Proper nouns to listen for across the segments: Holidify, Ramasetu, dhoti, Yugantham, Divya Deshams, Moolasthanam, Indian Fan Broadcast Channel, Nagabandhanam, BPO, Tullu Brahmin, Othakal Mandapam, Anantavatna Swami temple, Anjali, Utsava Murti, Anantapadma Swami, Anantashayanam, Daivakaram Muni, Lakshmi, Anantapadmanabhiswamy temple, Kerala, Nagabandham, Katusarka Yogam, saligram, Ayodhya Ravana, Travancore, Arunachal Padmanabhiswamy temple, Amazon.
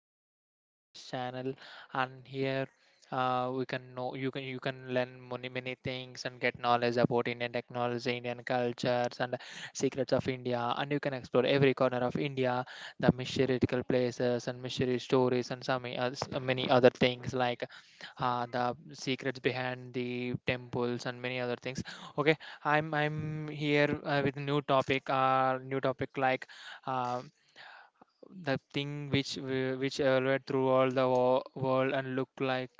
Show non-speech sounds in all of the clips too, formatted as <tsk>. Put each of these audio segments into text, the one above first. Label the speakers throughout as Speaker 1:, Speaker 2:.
Speaker 1: Fan Broadcast Channel. And here we can know you can learn many things and get knowledge about Indian technology, Indian cultures, and secrets of India. And you can explore every corner of India, the mystical places and mystery stories, and some many other things like the secrets behind the temples and many other things. Okay, I'm here with new topic. New topic like. Um, the thing which which evolved through all the world and look like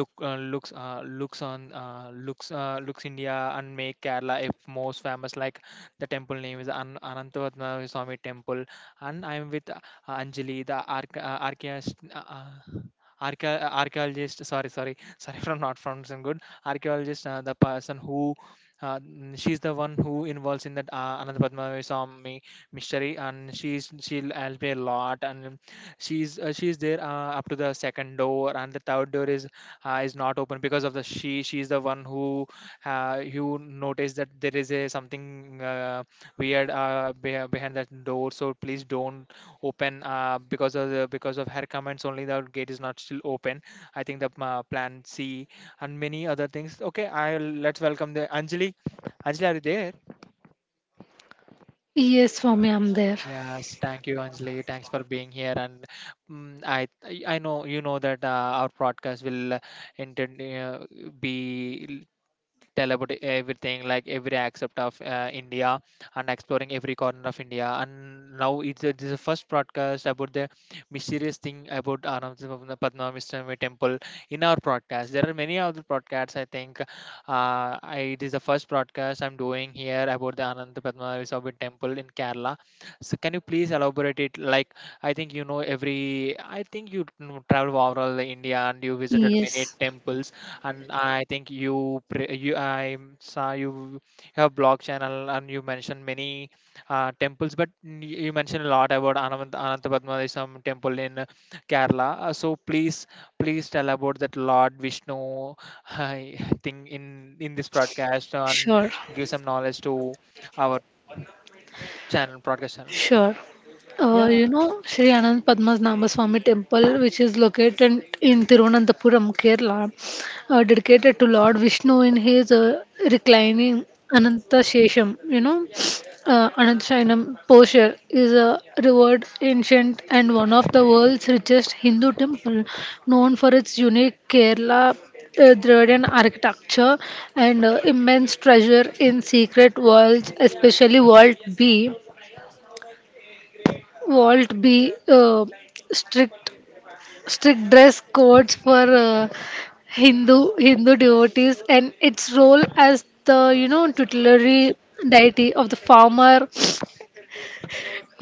Speaker 1: look looks looks on looks looks India and make Kerala if most famous like the temple name is Anantavatna Swami temple and I'm with Anjali the archaeologist archaeologist, sorry, sorry. <laughs> Sorry from not pronouncing good archaeologist, the person who she's the one who involves in that Anantapadma Swami mystery, and she'll help me a lot. And she's there up to the second door, and the third door is not open because of the she, she's the one who you notice that there is a something weird behind that door, so please don't open. Because of because of her comments only, the gate is not still open. I think the plan C and many other things. Okay, I'll let's welcome the Anjali. Anjali, are you there?
Speaker 2: Yes, Swami, I'm there.
Speaker 1: Yes, thank you, Anjali. Thanks for being here. And I know you know that our podcast will intend be tell about everything, like every aspect of India and exploring every corner of India. And now this is the first broadcast about the mysterious thing about Arunachal Padmanabhiswamy temple. In our broadcast there are many other broadcasts, I think. It is the first broadcast I'm doing here about the Ananda Padmanabhiswamy temple in Kerala. So can you please elaborate it? Like, I think you know every — I think you know, travel overall India and you visited many
Speaker 2: Yes,
Speaker 1: temples. And I think I saw you have blog channel, and you mentioned many temples, but you mentioned a lot about Anantapadmadisam temple in Kerala. So please, please tell about that Lord Vishnu <laughs> uh, thing in this broadcast and
Speaker 2: sure,
Speaker 1: give some knowledge to our channel, broadcast channel.
Speaker 2: sure. Uh, you
Speaker 1: Yeah,
Speaker 2: know, Sri Anand Padmasnabha Swami Temple, which is located in Thiruvananthapuram, Kerala, dedicated to Lord Vishnu in his reclining Ananta Shesham, Anantashayanam posture, is a revered ancient and one of the world's richest Hindu temple, known for its unique Kerala Dravidian architecture and immense treasure in secret worlds, especially World B. Won't be strict strict dress codes for Hindu devotees and its role as the tutelary deity of the farmer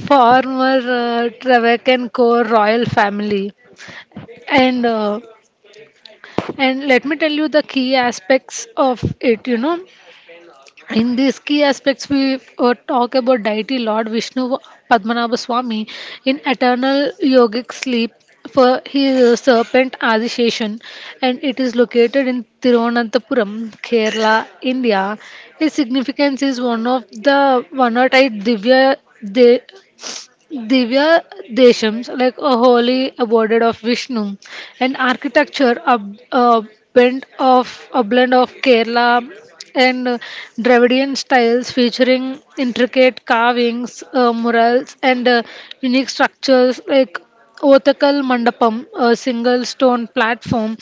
Speaker 2: farmer Travancan core royal family and uh, and let me tell you the key aspects of it. In these key aspects, we talk about deity Lord Vishnu Padmanabha Swami in eternal yogic sleep. For he is a serpent association, and it is located in Thiruvananthapuram, Kerala, India. His significance is one of the 18 Divya Deshams, like a holy abode of Vishnu, and architecture, a a blend of Kerala and Dravidian styles, featuring intricate carvings, murals, and unique structures like Othakal Mandapam, a single stone platform.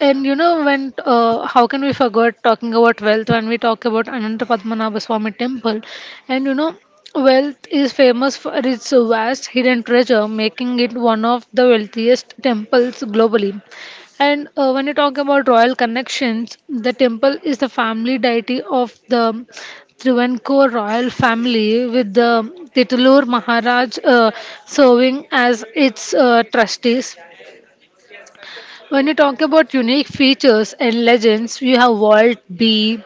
Speaker 2: And you know, when how can we forget talking about wealth when we talk about Ananta Padmanabha Swami temple? And wealth is famous for its vast hidden treasure, making it one of the wealthiest temples globally. And when you talk about royal connections, the temple is the family deity of the Travancore royal family, with the Titlur Maharaj serving as its trustees. When you talk about unique features and legends, you have world B,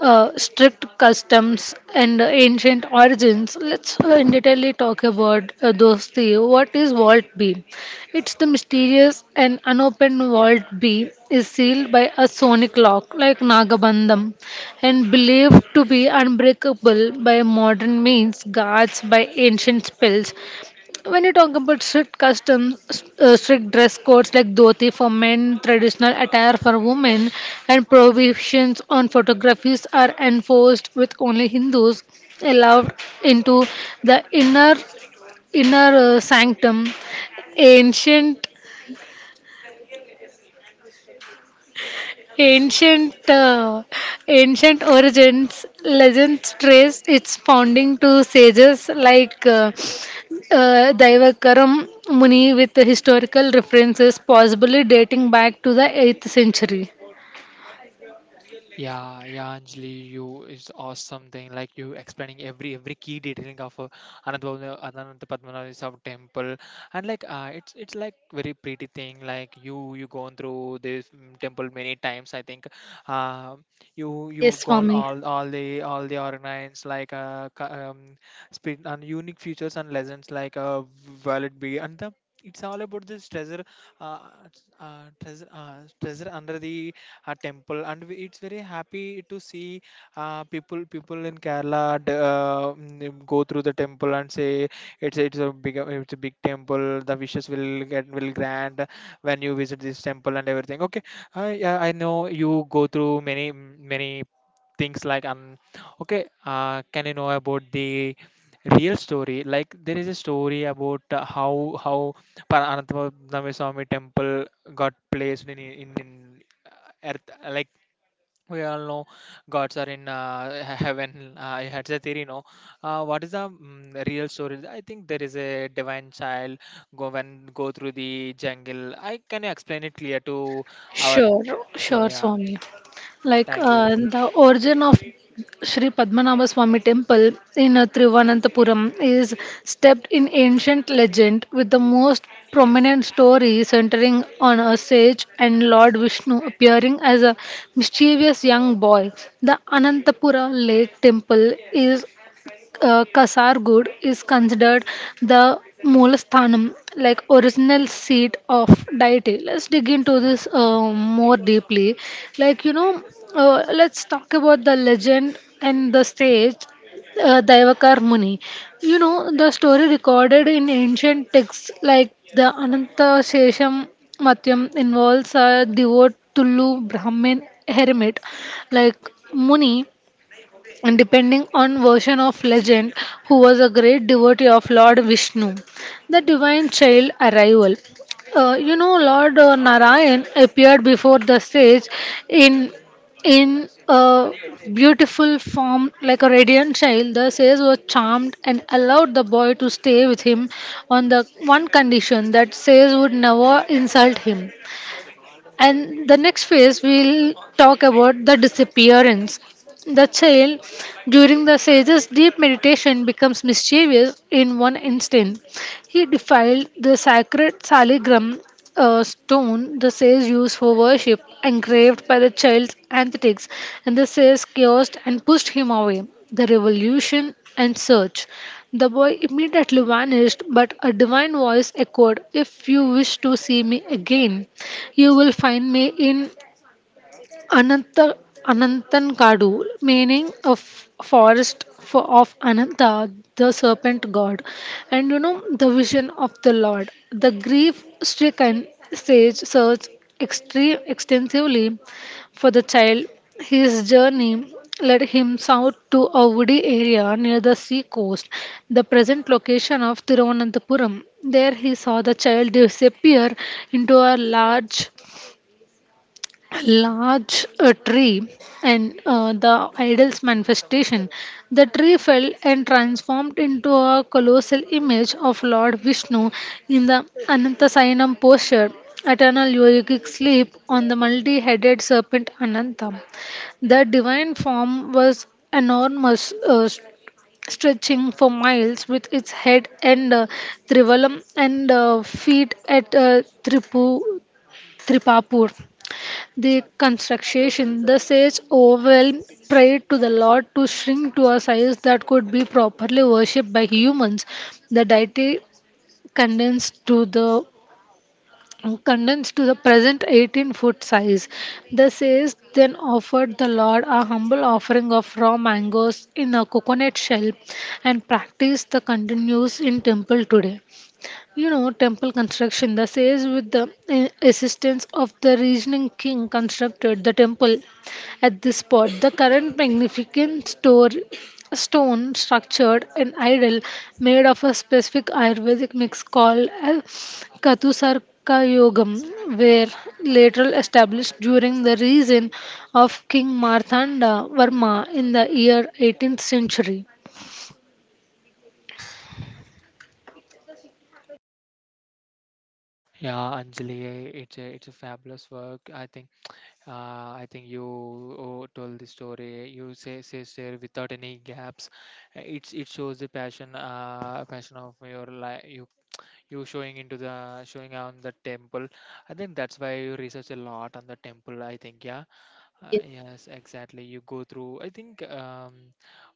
Speaker 2: strict customs, and ancient origins. Let's in detail talk about those three. What is world B? It's the mysterious and unopened world B, is sealed by a sonic lock like Nagabandham and believed to be unbreakable by modern means, guards by ancient spells. When you talk about strict customs, strict dress codes like dhoti for men, traditional attire for women, and prohibitions on photographies are enforced with only Hindus allowed into the inner sanctum. Ancient Ancient uh, ancient origins legends trace its founding to sages like Daivakaram Muni with historical references possibly dating back to the 8th century.
Speaker 1: Yeah, yeah, Anjali, you is awesome thing. Like you explaining every key detailing of Anantapatmanabhaswamy temple, and like it's like very pretty thing. Like you gone through this temple many times. I think, uh, you
Speaker 2: Yes,
Speaker 1: you gone
Speaker 2: Swami.
Speaker 1: all the ornaments like spirit and unique features and legends like valid be and the. It's all about this treasure, uh, treasure under the a temple. And it's very happy to see people people in Kerala go through the temple and say it's a big temple, the wishes will get will grant when you visit this temple and everything. Okay, I, yeah, I know you go through many many things like okay. Can you know about the real story? Like, there is a story about how Anantapurnamaswamy temple got placed in in uh, earth. Like, we all know gods are in heaven. I had a theory, no? What is the real story? I think there is a divine child go when go through the jungle. I, can you explain it clear to our,
Speaker 2: Sure,
Speaker 1: sure,
Speaker 2: sure,
Speaker 1: yeah,
Speaker 2: Swami. Like
Speaker 1: thank you.
Speaker 2: the origin of Sri Padmanabha Swami temple in Thiruvananthapuram is steeped in ancient legend with the most prominent story centering on a sage and Lord Vishnu appearing as a mischievous young boy. The Anantapura Lake Temple is Kasargod is considered the Moolasthanam, like original seat of deity. Let's dig into this more deeply. Like, let's talk about the legend and the stage. Daivakar Muni. The story recorded in ancient texts like the Ananta Shesham Matyam involves a devout Tullu Brahmin hermit like Muni and depending on version of legend who was a great devotee of Lord Vishnu. The divine child arrival. Lord Narayan appeared before the stage in in a beautiful form like a radiant child. The sage was charmed and allowed the boy to stay with him on the one condition that sage would never insult him, and the next phase, we'll talk about the disappearance. The child, during the sage's deep meditation, becomes mischievous in one instant. He defiled the sacred saligram stone the sage used for worship, engraved by the child's antics, and the sage cursed and pushed him away. The revolution and search. The boy immediately vanished, but a divine voice echoed, If you wish to see me again, you will find me in Ananta Anantankadu, meaning a forest of Ananta, the serpent god, and the vision of the Lord. The grief-stricken sage searched extensively for the child. His journey led him south to a woody area near the sea coast, the present location of Thiruvananthapuram. There he saw the child disappear into a large tree, and the idol's manifestation. The tree fell and transformed into a colossal image of Lord Vishnu in the Anantasayanam posture, eternal yogic sleep on the multi headed serpent Ananta. The divine form was enormous, stretching for miles with its head and trivalam and feet at Tripapur. The construction, the sage overwhelmed, prayed to the Lord to shrink to a size that could be properly worshipped by humans. The deity condensed to the condensed to the present 18-foot size. The sage then offered the Lord a humble offering of raw mangoes in a coconut shell and practice that continues in temple today. Temple construction, the sage with the assistance of the reasoning king constructed the temple at this spot. The current magnificent stone structured an idol made of a specific Ayurvedic mix called a Katusarka Yogam, were later established during the reign of King Marthanda Varma in the year 18th century.
Speaker 1: Yeah, Anjali, it's a fabulous work, I think. I think you, oh, told the story. You say share without any gaps. It's it shows the passion, passion of your life you showing into the showing on the temple. I think that's why you research a lot on the temple, I think, yeah.
Speaker 2: Yes.
Speaker 1: Yes, exactly, you go through, I think.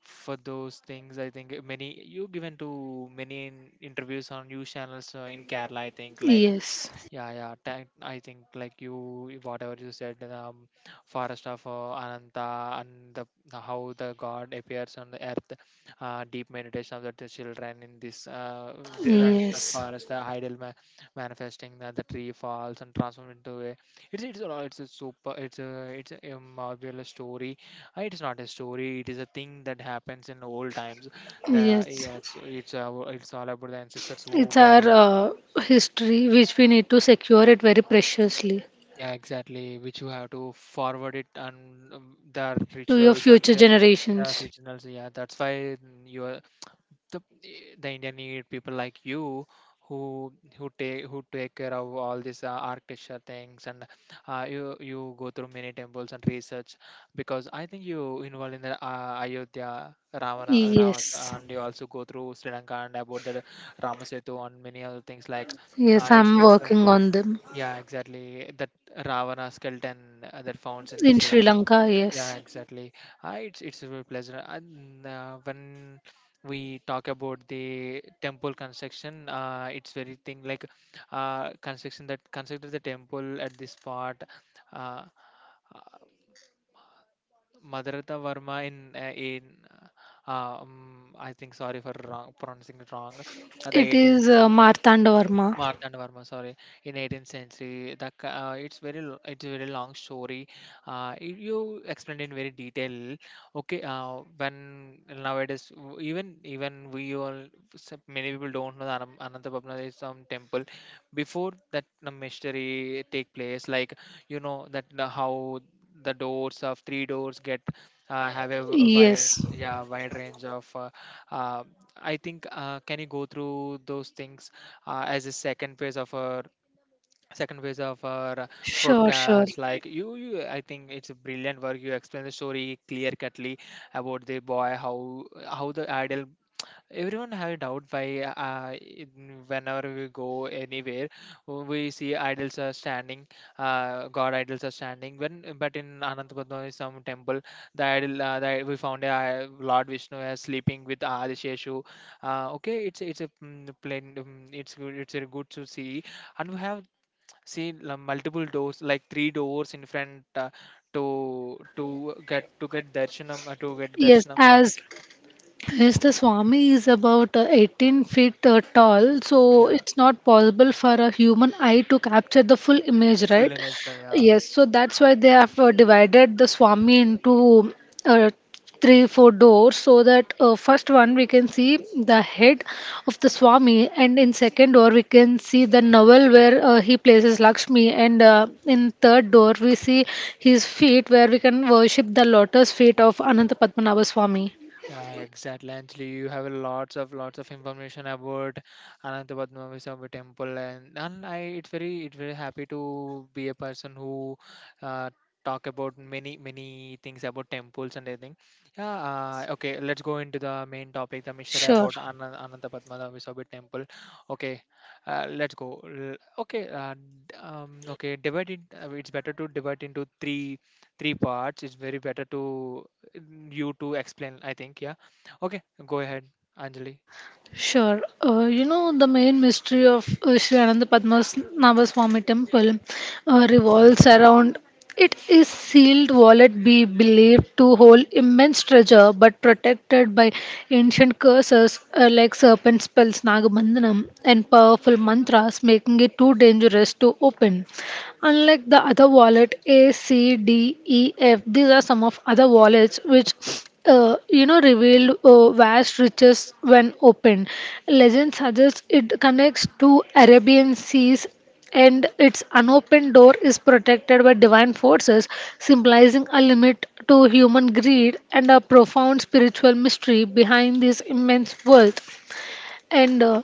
Speaker 1: For those things, I think many, you given to many interviews on news channels in Kerala, I think, like
Speaker 2: Yes.
Speaker 1: yeah, yeah. Thank, I think like you, whatever you said, the forest of Ananta, and how the God appears on the earth, deep meditation of the children in this the
Speaker 2: Yes.
Speaker 1: forest, the manifesting that the tree falls and transforms into a. It's a super it's a marvelous story. It's not a story. It is a thing that happens in old times. The,
Speaker 2: Yes,
Speaker 1: yeah, it's all about the ancestors who
Speaker 2: it's our
Speaker 1: carry.
Speaker 2: history which we need to secure it very preciously
Speaker 1: Yeah, exactly. Which you have to forward it, and the
Speaker 2: to your
Speaker 1: rituals and
Speaker 2: future
Speaker 1: the
Speaker 2: generations.
Speaker 1: originals. Yeah, that's why, you are the, the India need people like you who who take care of all these architecture things, and you you go through many temples and research, because I think you involved in the Ayodhya Ravana Ravana.
Speaker 2: Yes,
Speaker 1: And you also go through Sri Lanka and about the Ramasetu and many other things, like
Speaker 2: yes,
Speaker 1: it
Speaker 2: I'm
Speaker 1: it's,
Speaker 2: working on them.
Speaker 1: yeah, exactly. That Ravana skeleton that found in
Speaker 2: In
Speaker 1: Sri
Speaker 2: Sri
Speaker 1: Lanka.
Speaker 2: Lanka,
Speaker 1: Yeah,
Speaker 2: yes.
Speaker 1: exactly. Ah, it's a real pleasure. And when we talk about the temple construction, it's very thing like construction that constructed the temple at this part. Uh, uh, Madhurata Varma in I think sorry for wrong pronouncing it wrong. The
Speaker 2: It
Speaker 1: 18th
Speaker 2: is Martanda Varma.
Speaker 1: Marthand Varma, sorry, in 18th century. It's very it's a very long story. You explained in very detail. Okay, when nowadays even we all many people don't know that Anantapatmanaഭ is some temple. Before that mystery take place, like you know that how the doors of three doors get have a wide,
Speaker 2: Yes,
Speaker 1: yeah, wide range of. Uh, I think, can you go through those things as a second phase of our
Speaker 2: sure, sure.
Speaker 1: broadcast? Like you, I think it's a brilliant work. You explain the story clear cutly about the boy, how the ideal, everyone have a doubt why whenever we go anywhere we see idols are standing, god idols are standing when, but in Anantapatnam some temple the idol we found a Lord Vishnu as sleeping with Adisheshu. Okay, it's a plain, it's good, it's a good to see. And we have seen multiple doors, like three doors in front to to to get darshanam, to get
Speaker 2: Yes,
Speaker 1: darshanam of,
Speaker 2: as Yes, the Swami is about 18 feet tall, so
Speaker 1: yeah
Speaker 2: it's not possible for a human eye to capture the full image,
Speaker 1: full
Speaker 2: right?
Speaker 1: name is the yeah.
Speaker 2: Yes, so that's why they have divided the Swami into uh, three, four doors, so that first one we can see the head of the Swami, and in second door we can see the navel where he places Lakshmi, and in third door we see his feet where we can worship the lotus feet of Ananta Padmanabha Swami.
Speaker 1: Yeah, exactly. Actually, you have lots of information about Anantapadmanabhiswamy temple, and I it's very happy to be a person who uh, talk about many many things about temples and everything. Yeah. Okay, let's go into the main topic, the mystery
Speaker 2: Sure.
Speaker 1: about Anantapadmanabhiswamy temple. Okay, let's go. Okay. Okay. Divide it. It's better to divide into three parts. It's very better to you to explain, I think. Yeah. Okay, go ahead, Anjali.
Speaker 2: Sure. The main mystery of Sri Ananda Padmasnabhaswamy temple revolves around it is sealed wallet be believed to hold immense treasure but protected by ancient curses like serpent spells Nagamandanam and powerful mantras making it too dangerous to open. Unlike the other wallet A, C, D, E, F, these are some of other wallets which revealed vast riches when opened. Legend suggests it connects to Arabian seas and its unopened door is protected by divine forces, symbolizing a limit to human greed and a profound spiritual mystery behind this immense wealth. And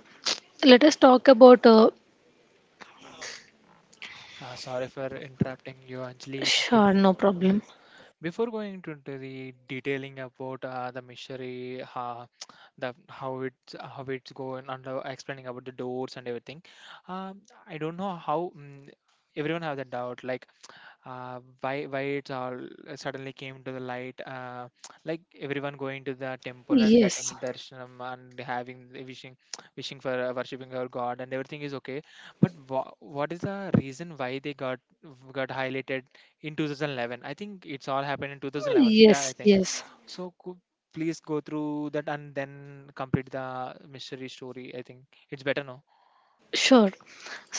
Speaker 2: let us talk about.
Speaker 1: Sorry for interrupting you, Anjali.
Speaker 2: Sure, no problem.
Speaker 1: Before going into the detailing about the mystery, <tsk> the how it's going, and explaining about the doors and everything, um, I don't know how, everyone have that doubt. Like, why it's all suddenly came to the light. <tsk> Like everyone going to the temple and getting
Speaker 2: Yes,
Speaker 1: darshanam and having wishing <tsk> wishing for worshipping our god and everything is okay. But what is the reason why they got highlighted in 2011? I think it's all happened in 2011, yeah, I
Speaker 2: yes,
Speaker 1: think.
Speaker 2: yes.
Speaker 1: So could please go through that and then complete the mystery story, I think it's better now,
Speaker 2: Sure.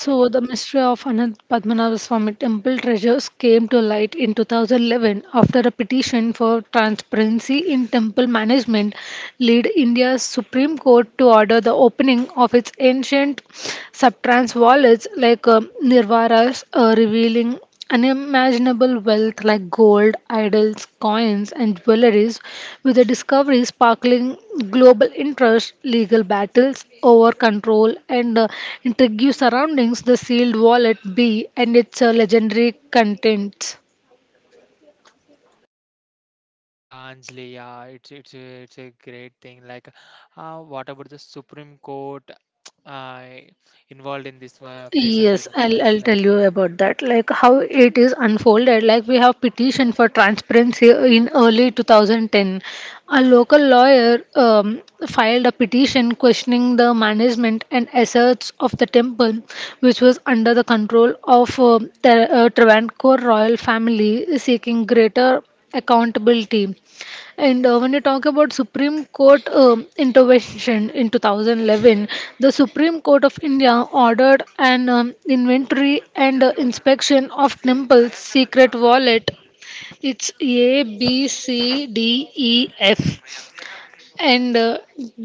Speaker 1: thank you.
Speaker 2: the mystery of Anant Padmanabha Swami temple treasures came to light in 2011 after a petition for transparency in temple management led India's Supreme Court to order the opening of its ancient subtrans wallets like Nirvaras, revealing unimaginable wealth like gold, idols, coins, and jewelries, with the discovery sparkling global interest, legal battles over control, and intrigue surroundings the sealed wallet B and its legendary contents.
Speaker 1: Yeah, Anjali, yeah, it's a great thing. Like, what about the Supreme Court <tsk> uh, involved in this case? And to,
Speaker 2: Yes, I'll,
Speaker 1: yes,
Speaker 2: I'll
Speaker 1: like,
Speaker 2: tell you about that. Like how it is unfolded. Like we have petition for transparency in early 2010. A local lawyer filed a petition questioning the management and assets of the temple, which was under the control of the Travancore royal family, seeking greater accountability. And when you talk about Supreme Court intervention in 2011, the Supreme Court of India ordered an inventory and inspection of Temple's secret wallet. It's A, B, C, D, E, F, and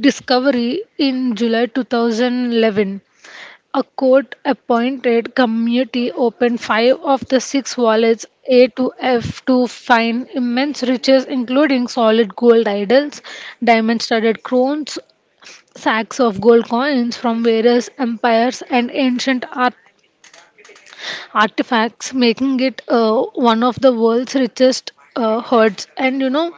Speaker 2: discovery in July 2011. A court appointed committee opened five of the six wallets A to F to find immense riches, including solid gold idols, diamond studded crowns, sacks of gold coins from various empires, and ancient artifacts, making it one of the world's richest hoards. And you know,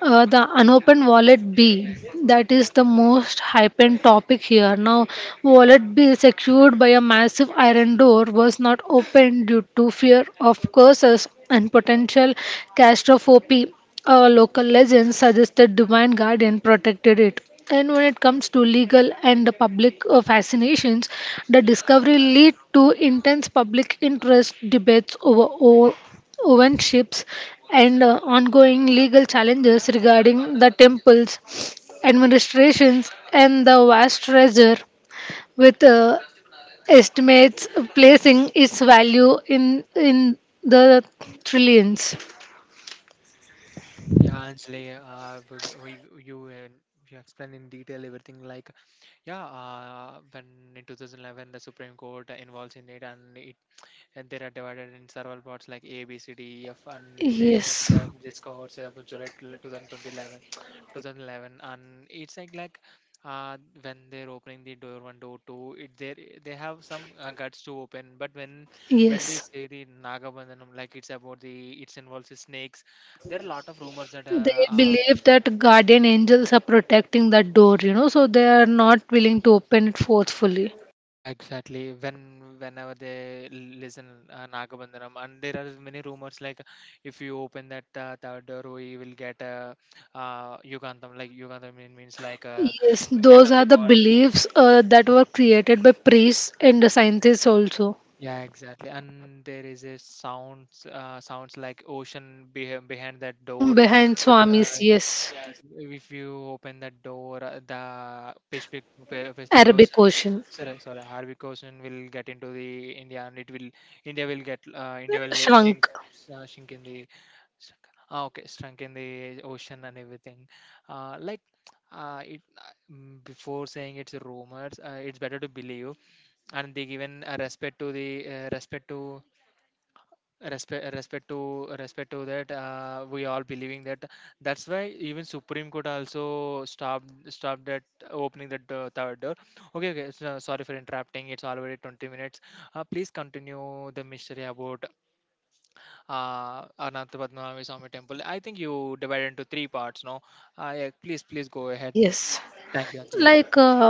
Speaker 2: uh, the unopened wallet B, that is the most hyped topic here. Now, wallet B, secured by a massive iron door, was not opened due to fear of curses and potential catastrophe. A local legend suggested divine guardian protected it. And when it comes to legal and the public fascinations, the discovery led to intense public interest debates over all ownerships and ongoing legal challenges regarding the temple's administrations and the vast treasure, with estimates placing its value in the trillions.
Speaker 1: yeah, Anjali, you, you explained in detail everything. Like, yeah, when in 2011 the Supreme Court involves in it, and they are divided in several parts like A, B, C, D, E, F. And
Speaker 2: Yes,
Speaker 1: they are discovered say, about July 2011, 2011, and it's like uh, when they're opening the door one, door two, it they have some guts to open. But when they
Speaker 2: yes.
Speaker 1: say the Nagabandhanam, like it's about the it's involves the snakes, there are a lot of rumors that
Speaker 2: They believe that guardian angels are protecting that door, so they are not willing to open it forcefully.
Speaker 1: yeah, exactly. When whenever they listen Nagabandhanam, and there are many rumors like if you open that third door, you will get Yugantham. Like Yugantham means like
Speaker 2: Yes, those are the beliefs that were created by priests and the scientists also.
Speaker 1: yeah, exactly. And there is a sounds sounds like ocean behind that door.
Speaker 2: Behind
Speaker 1: If, uh,
Speaker 2: Swamis, yes.
Speaker 1: if you open that door, the Pacific.
Speaker 2: Arabic Ocean.
Speaker 1: Sorry, sorry. Harvey Koshin will get into the India, and it will India will get India will shrink,
Speaker 2: Shrunk.
Speaker 1: shrink in the okay, shrunk in the ocean and everything. Uh, like Before saying it's rumors, it's better to believe, and they given respect respect to respect to that we all believing that. That's why even Supreme Court also stopped at opening the third door. Okay, okay, so, sorry for interrupting, it's already 20 minutes. Please continue the mystery about Ananta Padmanabhi Swami Temple. I think you divided into three parts, no? Yeah, please go ahead.
Speaker 2: Yes.
Speaker 1: Thank you, Anjali.
Speaker 2: Like uh,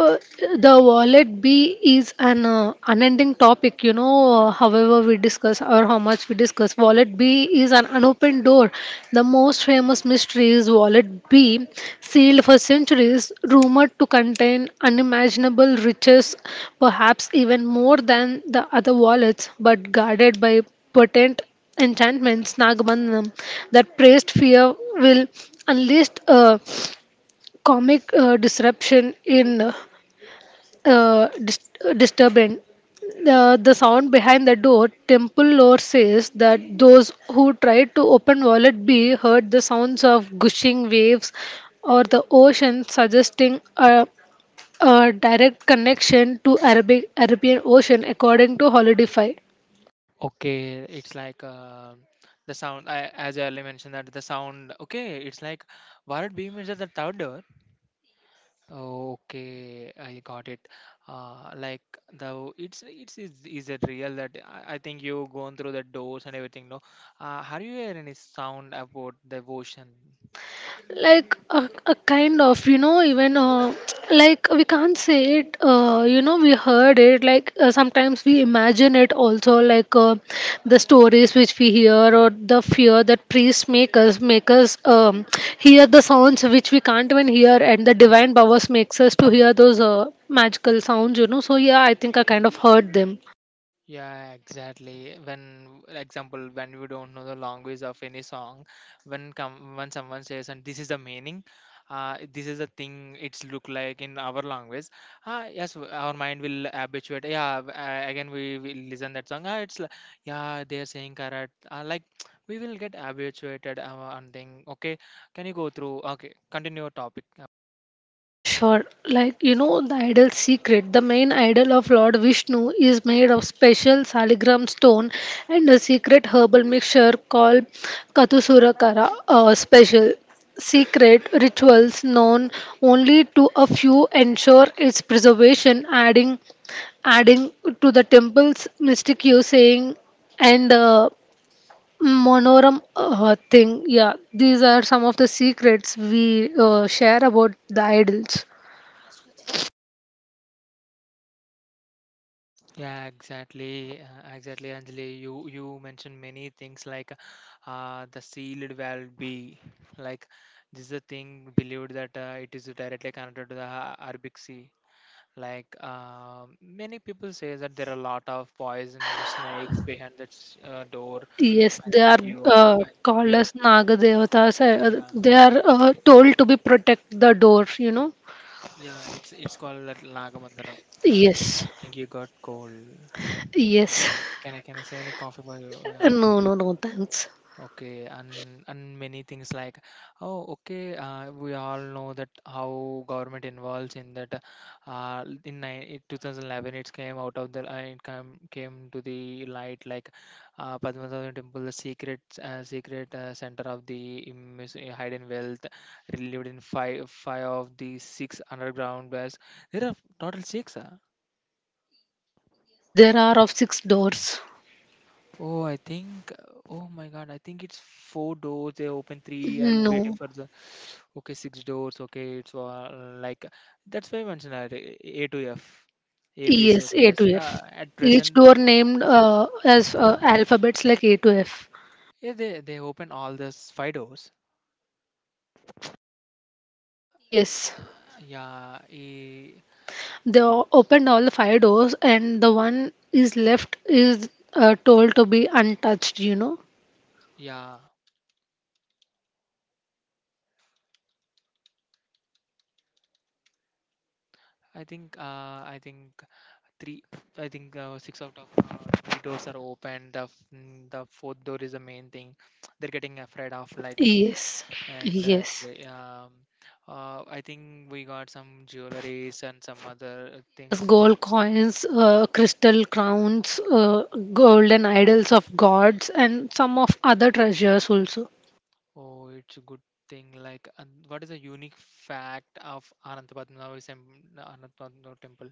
Speaker 2: uh, the wallet B is an unending topic. However we discuss or how much we discuss, wallet B is an unopened door. The most famous mystery is wallet B, sealed for centuries, rumored to contain unimaginable riches, perhaps even more than the other wallets, but guarded by potent enchantments, Nagamanam, that praised fear will unleashed comic disruption in uh, dis- disturbance. The sound behind the door, temple lore says that those who tried to open wallet B heard the sounds of gushing waves or the ocean, suggesting a direct connection to Arabic Arabian Ocean, according to Holidify.
Speaker 1: Okay, it's like the as I earlier mentioned, that the sound, okay, it's like Bharat Beam is at the third door. Okay, I got it. Like the It's is it real that I think you gone through the doors and everything, no? Have you heard any sound about the ocean?
Speaker 2: Like a kind of even <tsk> like we can't say it. We heard it like sometimes we imagine it also like the stories which we hear or the fear that priests make us <tsk> hear the sounds which we can't even hear, and the divine powers makes us to hear those magical sounds, so yeah, I think I kind of heard them.
Speaker 1: Yeah, exactly. When, example, when we don't know the language of any song, when come when someone says, "And this is the meaning," this is the thing, it's look like in our language. Ah, yes, our mind will habituate. Yeah, again we will listen that song. Ah, it's like, yeah, they are saying correct. Like, <tsk> we will get habituated on thing. Okay, can you go through? Okay, continue your topic.
Speaker 2: Oh, sure. Like, you know, the idol secret, the main idol of Lord Vishnu, is made of special saligram stone and a secret herbal mixture called Kathusurakara special. Secret rituals known only to a few ensure its preservation, adding to the temple's mystic saying and monoram thing. Yeah, these are some of the secrets we share about the idols.
Speaker 1: Yeah, exactly, Anjali. You mentioned many things like the sealed valve B, like this is a thing believed that it is directly connected to the Arabic Sea. Like, many people say that there are a lot of poison snakes behind that door.
Speaker 2: Yes,
Speaker 1: I
Speaker 2: they
Speaker 1: think
Speaker 2: are
Speaker 1: you, I think
Speaker 2: called
Speaker 1: you're,
Speaker 2: as Nagadevatas. Uh,
Speaker 1: yeah,
Speaker 2: they are told to be protect the door, you know.
Speaker 1: yeah. It's called that Nagamandanam. I
Speaker 2: Yes,
Speaker 1: think you got cold.
Speaker 2: yes. <laughs>
Speaker 1: Can I say any coffee for you? Yeah.
Speaker 2: No, no, no, thanks.
Speaker 1: Okay, and many things like, oh, okay, we all know that how government involves in that. In 2011, it came out of the it came came to the light, like Padmasabha Temple, the secret center of the hidden wealth, relived in five of the six underground wells. There are total six. Uh?
Speaker 2: Yes, there are of six doors.
Speaker 1: Oh, I think. Oh my God, I think it's four doors. They open three and
Speaker 2: No,
Speaker 1: waiting for the. Okay, six doors, okay, it's like that's why I mentioned that A to F, A B C
Speaker 2: yes,
Speaker 1: D
Speaker 2: A
Speaker 1: S
Speaker 2: to F.
Speaker 1: the, at
Speaker 2: Each
Speaker 1: present,
Speaker 2: door named as alphabets like A to F.
Speaker 1: yeah, they open all those five doors.
Speaker 2: Yes,
Speaker 1: uh, yeah eh,
Speaker 2: they opened all the five doors, and the one is left is told to be untouched, you know.
Speaker 1: yeah, I think, I think three, I think, six out of three doors are open. The the fourth door is the main thing, <tsk> they're getting afraid of, like
Speaker 2: Yes, yes.
Speaker 1: exactly, I think we got some jewelries and some other
Speaker 2: Yes,
Speaker 1: things.
Speaker 2: gold coins, crystal crowns, golden idols of gods, and some of other treasures also.
Speaker 1: Oh, it's a good thing. Like, and what is a unique fact of Anantapadmanaಭ temple?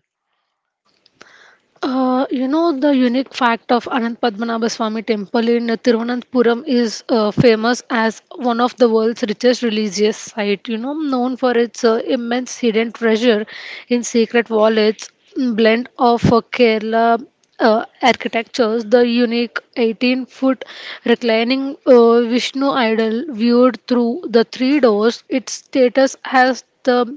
Speaker 2: You know, the unique fact of Anant Padmanabha Swami Temple in Thiruvananthapuram is famous as one of the world's richest religious site. You know, known for its immense hidden treasure in secret wallets, blend of Kerala architectures, the unique 18-foot reclining Vishnu idol viewed through the three doors, its status has the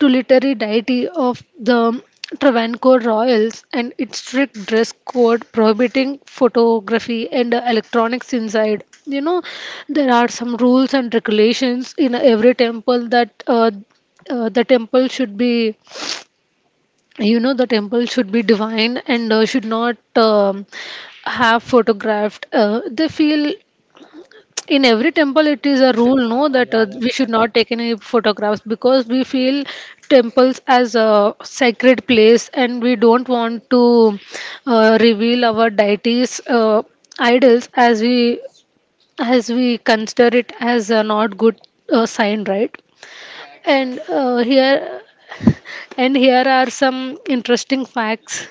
Speaker 2: to literary deity of the Travancore royals, and its strict dress code prohibiting photography and electronics inside. You know, there are some rules and regulations in every temple that the temple should be, you know, the temple should be divine and should not have photographed. They feel in every temple it is a
Speaker 1: There
Speaker 2: rule,
Speaker 1: is
Speaker 2: no,
Speaker 1: no,
Speaker 2: that
Speaker 1: yeah, yeah,
Speaker 2: we should
Speaker 1: exactly.
Speaker 2: not take any photographs, because we feel temples as a sacred place and we don't want to reveal our deities idols, as we consider it as a not good sign, right. And here and here are some interesting facts.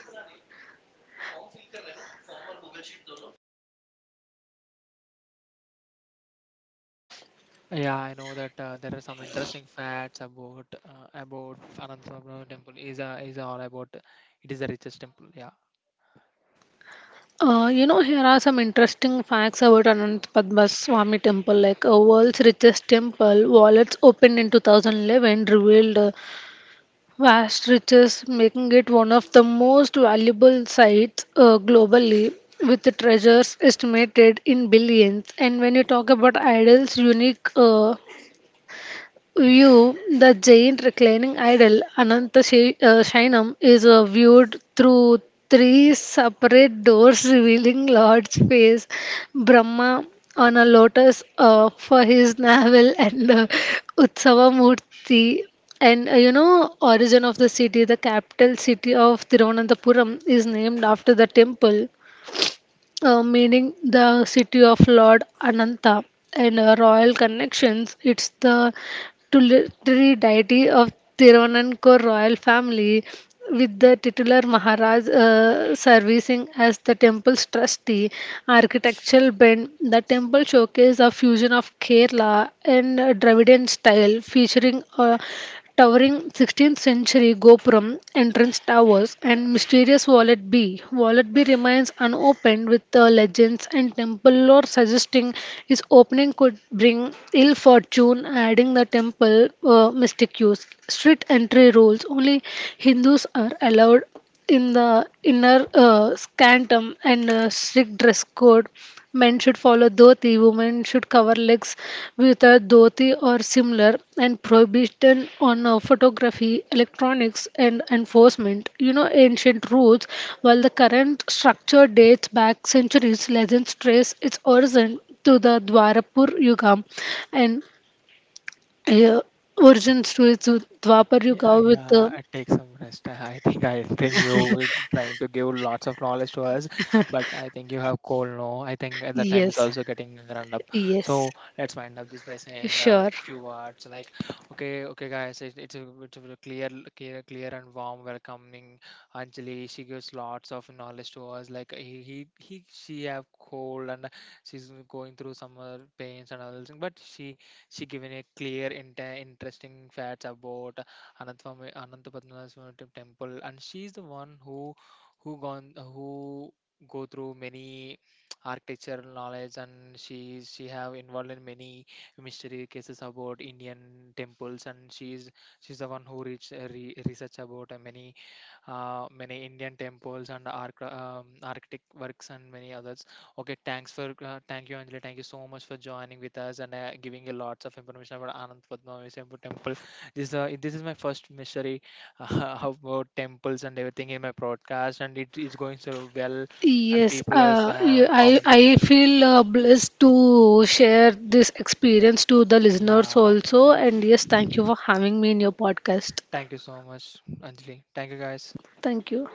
Speaker 1: Yeah, I know that there are some interesting facts about Anantapadmanaಭ temple. Is a is all about it is the richest temple. Yeah.
Speaker 2: You know, here are some interesting facts about Anant Padma Swami Temple, like a world's richest temple. Wallets opened in 2011 revealed vast riches, making it one of the most valuable sites globally, with the treasures estimated in billions. And when you talk about idols, unique. View, the giant reclining idol Ananta Shainam is viewed through three separate doors revealing Lord's face, Brahma on a lotus for his navel, and Utsava Murti. And you know, origin of the city, the capital city of Thiruvananthapuram, is named after the temple meaning the city of Lord Ananta, and royal connections. It's the tutelary deity of Tiruvanankur royal family, with the titular Maharaj serving as the temple's trustee. Architectural bend, the temple showcase a fusion of Kerala and Dravidian style, featuring a towering 16th century Gopuram entrance towers and mysterious Wallet B. Wallet B remains unopened with the legends and temple lore suggesting its opening could bring ill fortune, adding the temple mystic use. Street entry rules: only Hindus are allowed in the inner scantum, and strict dress code, men should follow dhoti, women should cover legs with a dhoti or similar, and prohibition on photography, electronics, and enforcement. You know, ancient rules, while the current structure dates back centuries, legends trace its origin to the dwarapur yuga, and uh, origins to its dwapar yuga
Speaker 1: Yeah,
Speaker 2: with the
Speaker 1: yeah, I take some rest. <laughs> I think you were trying to give lots of knowledge to us, but I think you have cold now. I think at the time is
Speaker 2: yes
Speaker 1: also getting run up.
Speaker 2: yes.
Speaker 1: So let's wind up this by saying the
Speaker 2: Sure.
Speaker 1: few words like, okay, okay, guys, it, it's a very clear, clear and warm welcoming. Anjali, she gives lots of knowledge to us. Like he she have cold and she's going through some pains and all those things, but she given a clear, interesting facts about Anantapatmanaಭ temple, and she's the one who gone who go through many architectural knowledge, and she have involved in many mystery cases about indian temples, and she's the one who reach research about many many Indian temples and Arctic works and many others. Okay, thanks for thank you, Anjali. Thank you so much for joining with us and giving a lots of information about Anand Padmanabhi temple. This this is my first mystery <laughs> about temples and everything in my broadcast, and it is going so well, and
Speaker 2: Yes,
Speaker 1: people are
Speaker 2: I,
Speaker 1: commenting.
Speaker 2: I feel blessed to share this experience to the listeners
Speaker 1: Yeah,
Speaker 2: also. And yes, thank you for having me in your podcast.
Speaker 1: thank you so much, Anjali. Thank you, guys.
Speaker 2: Thank you.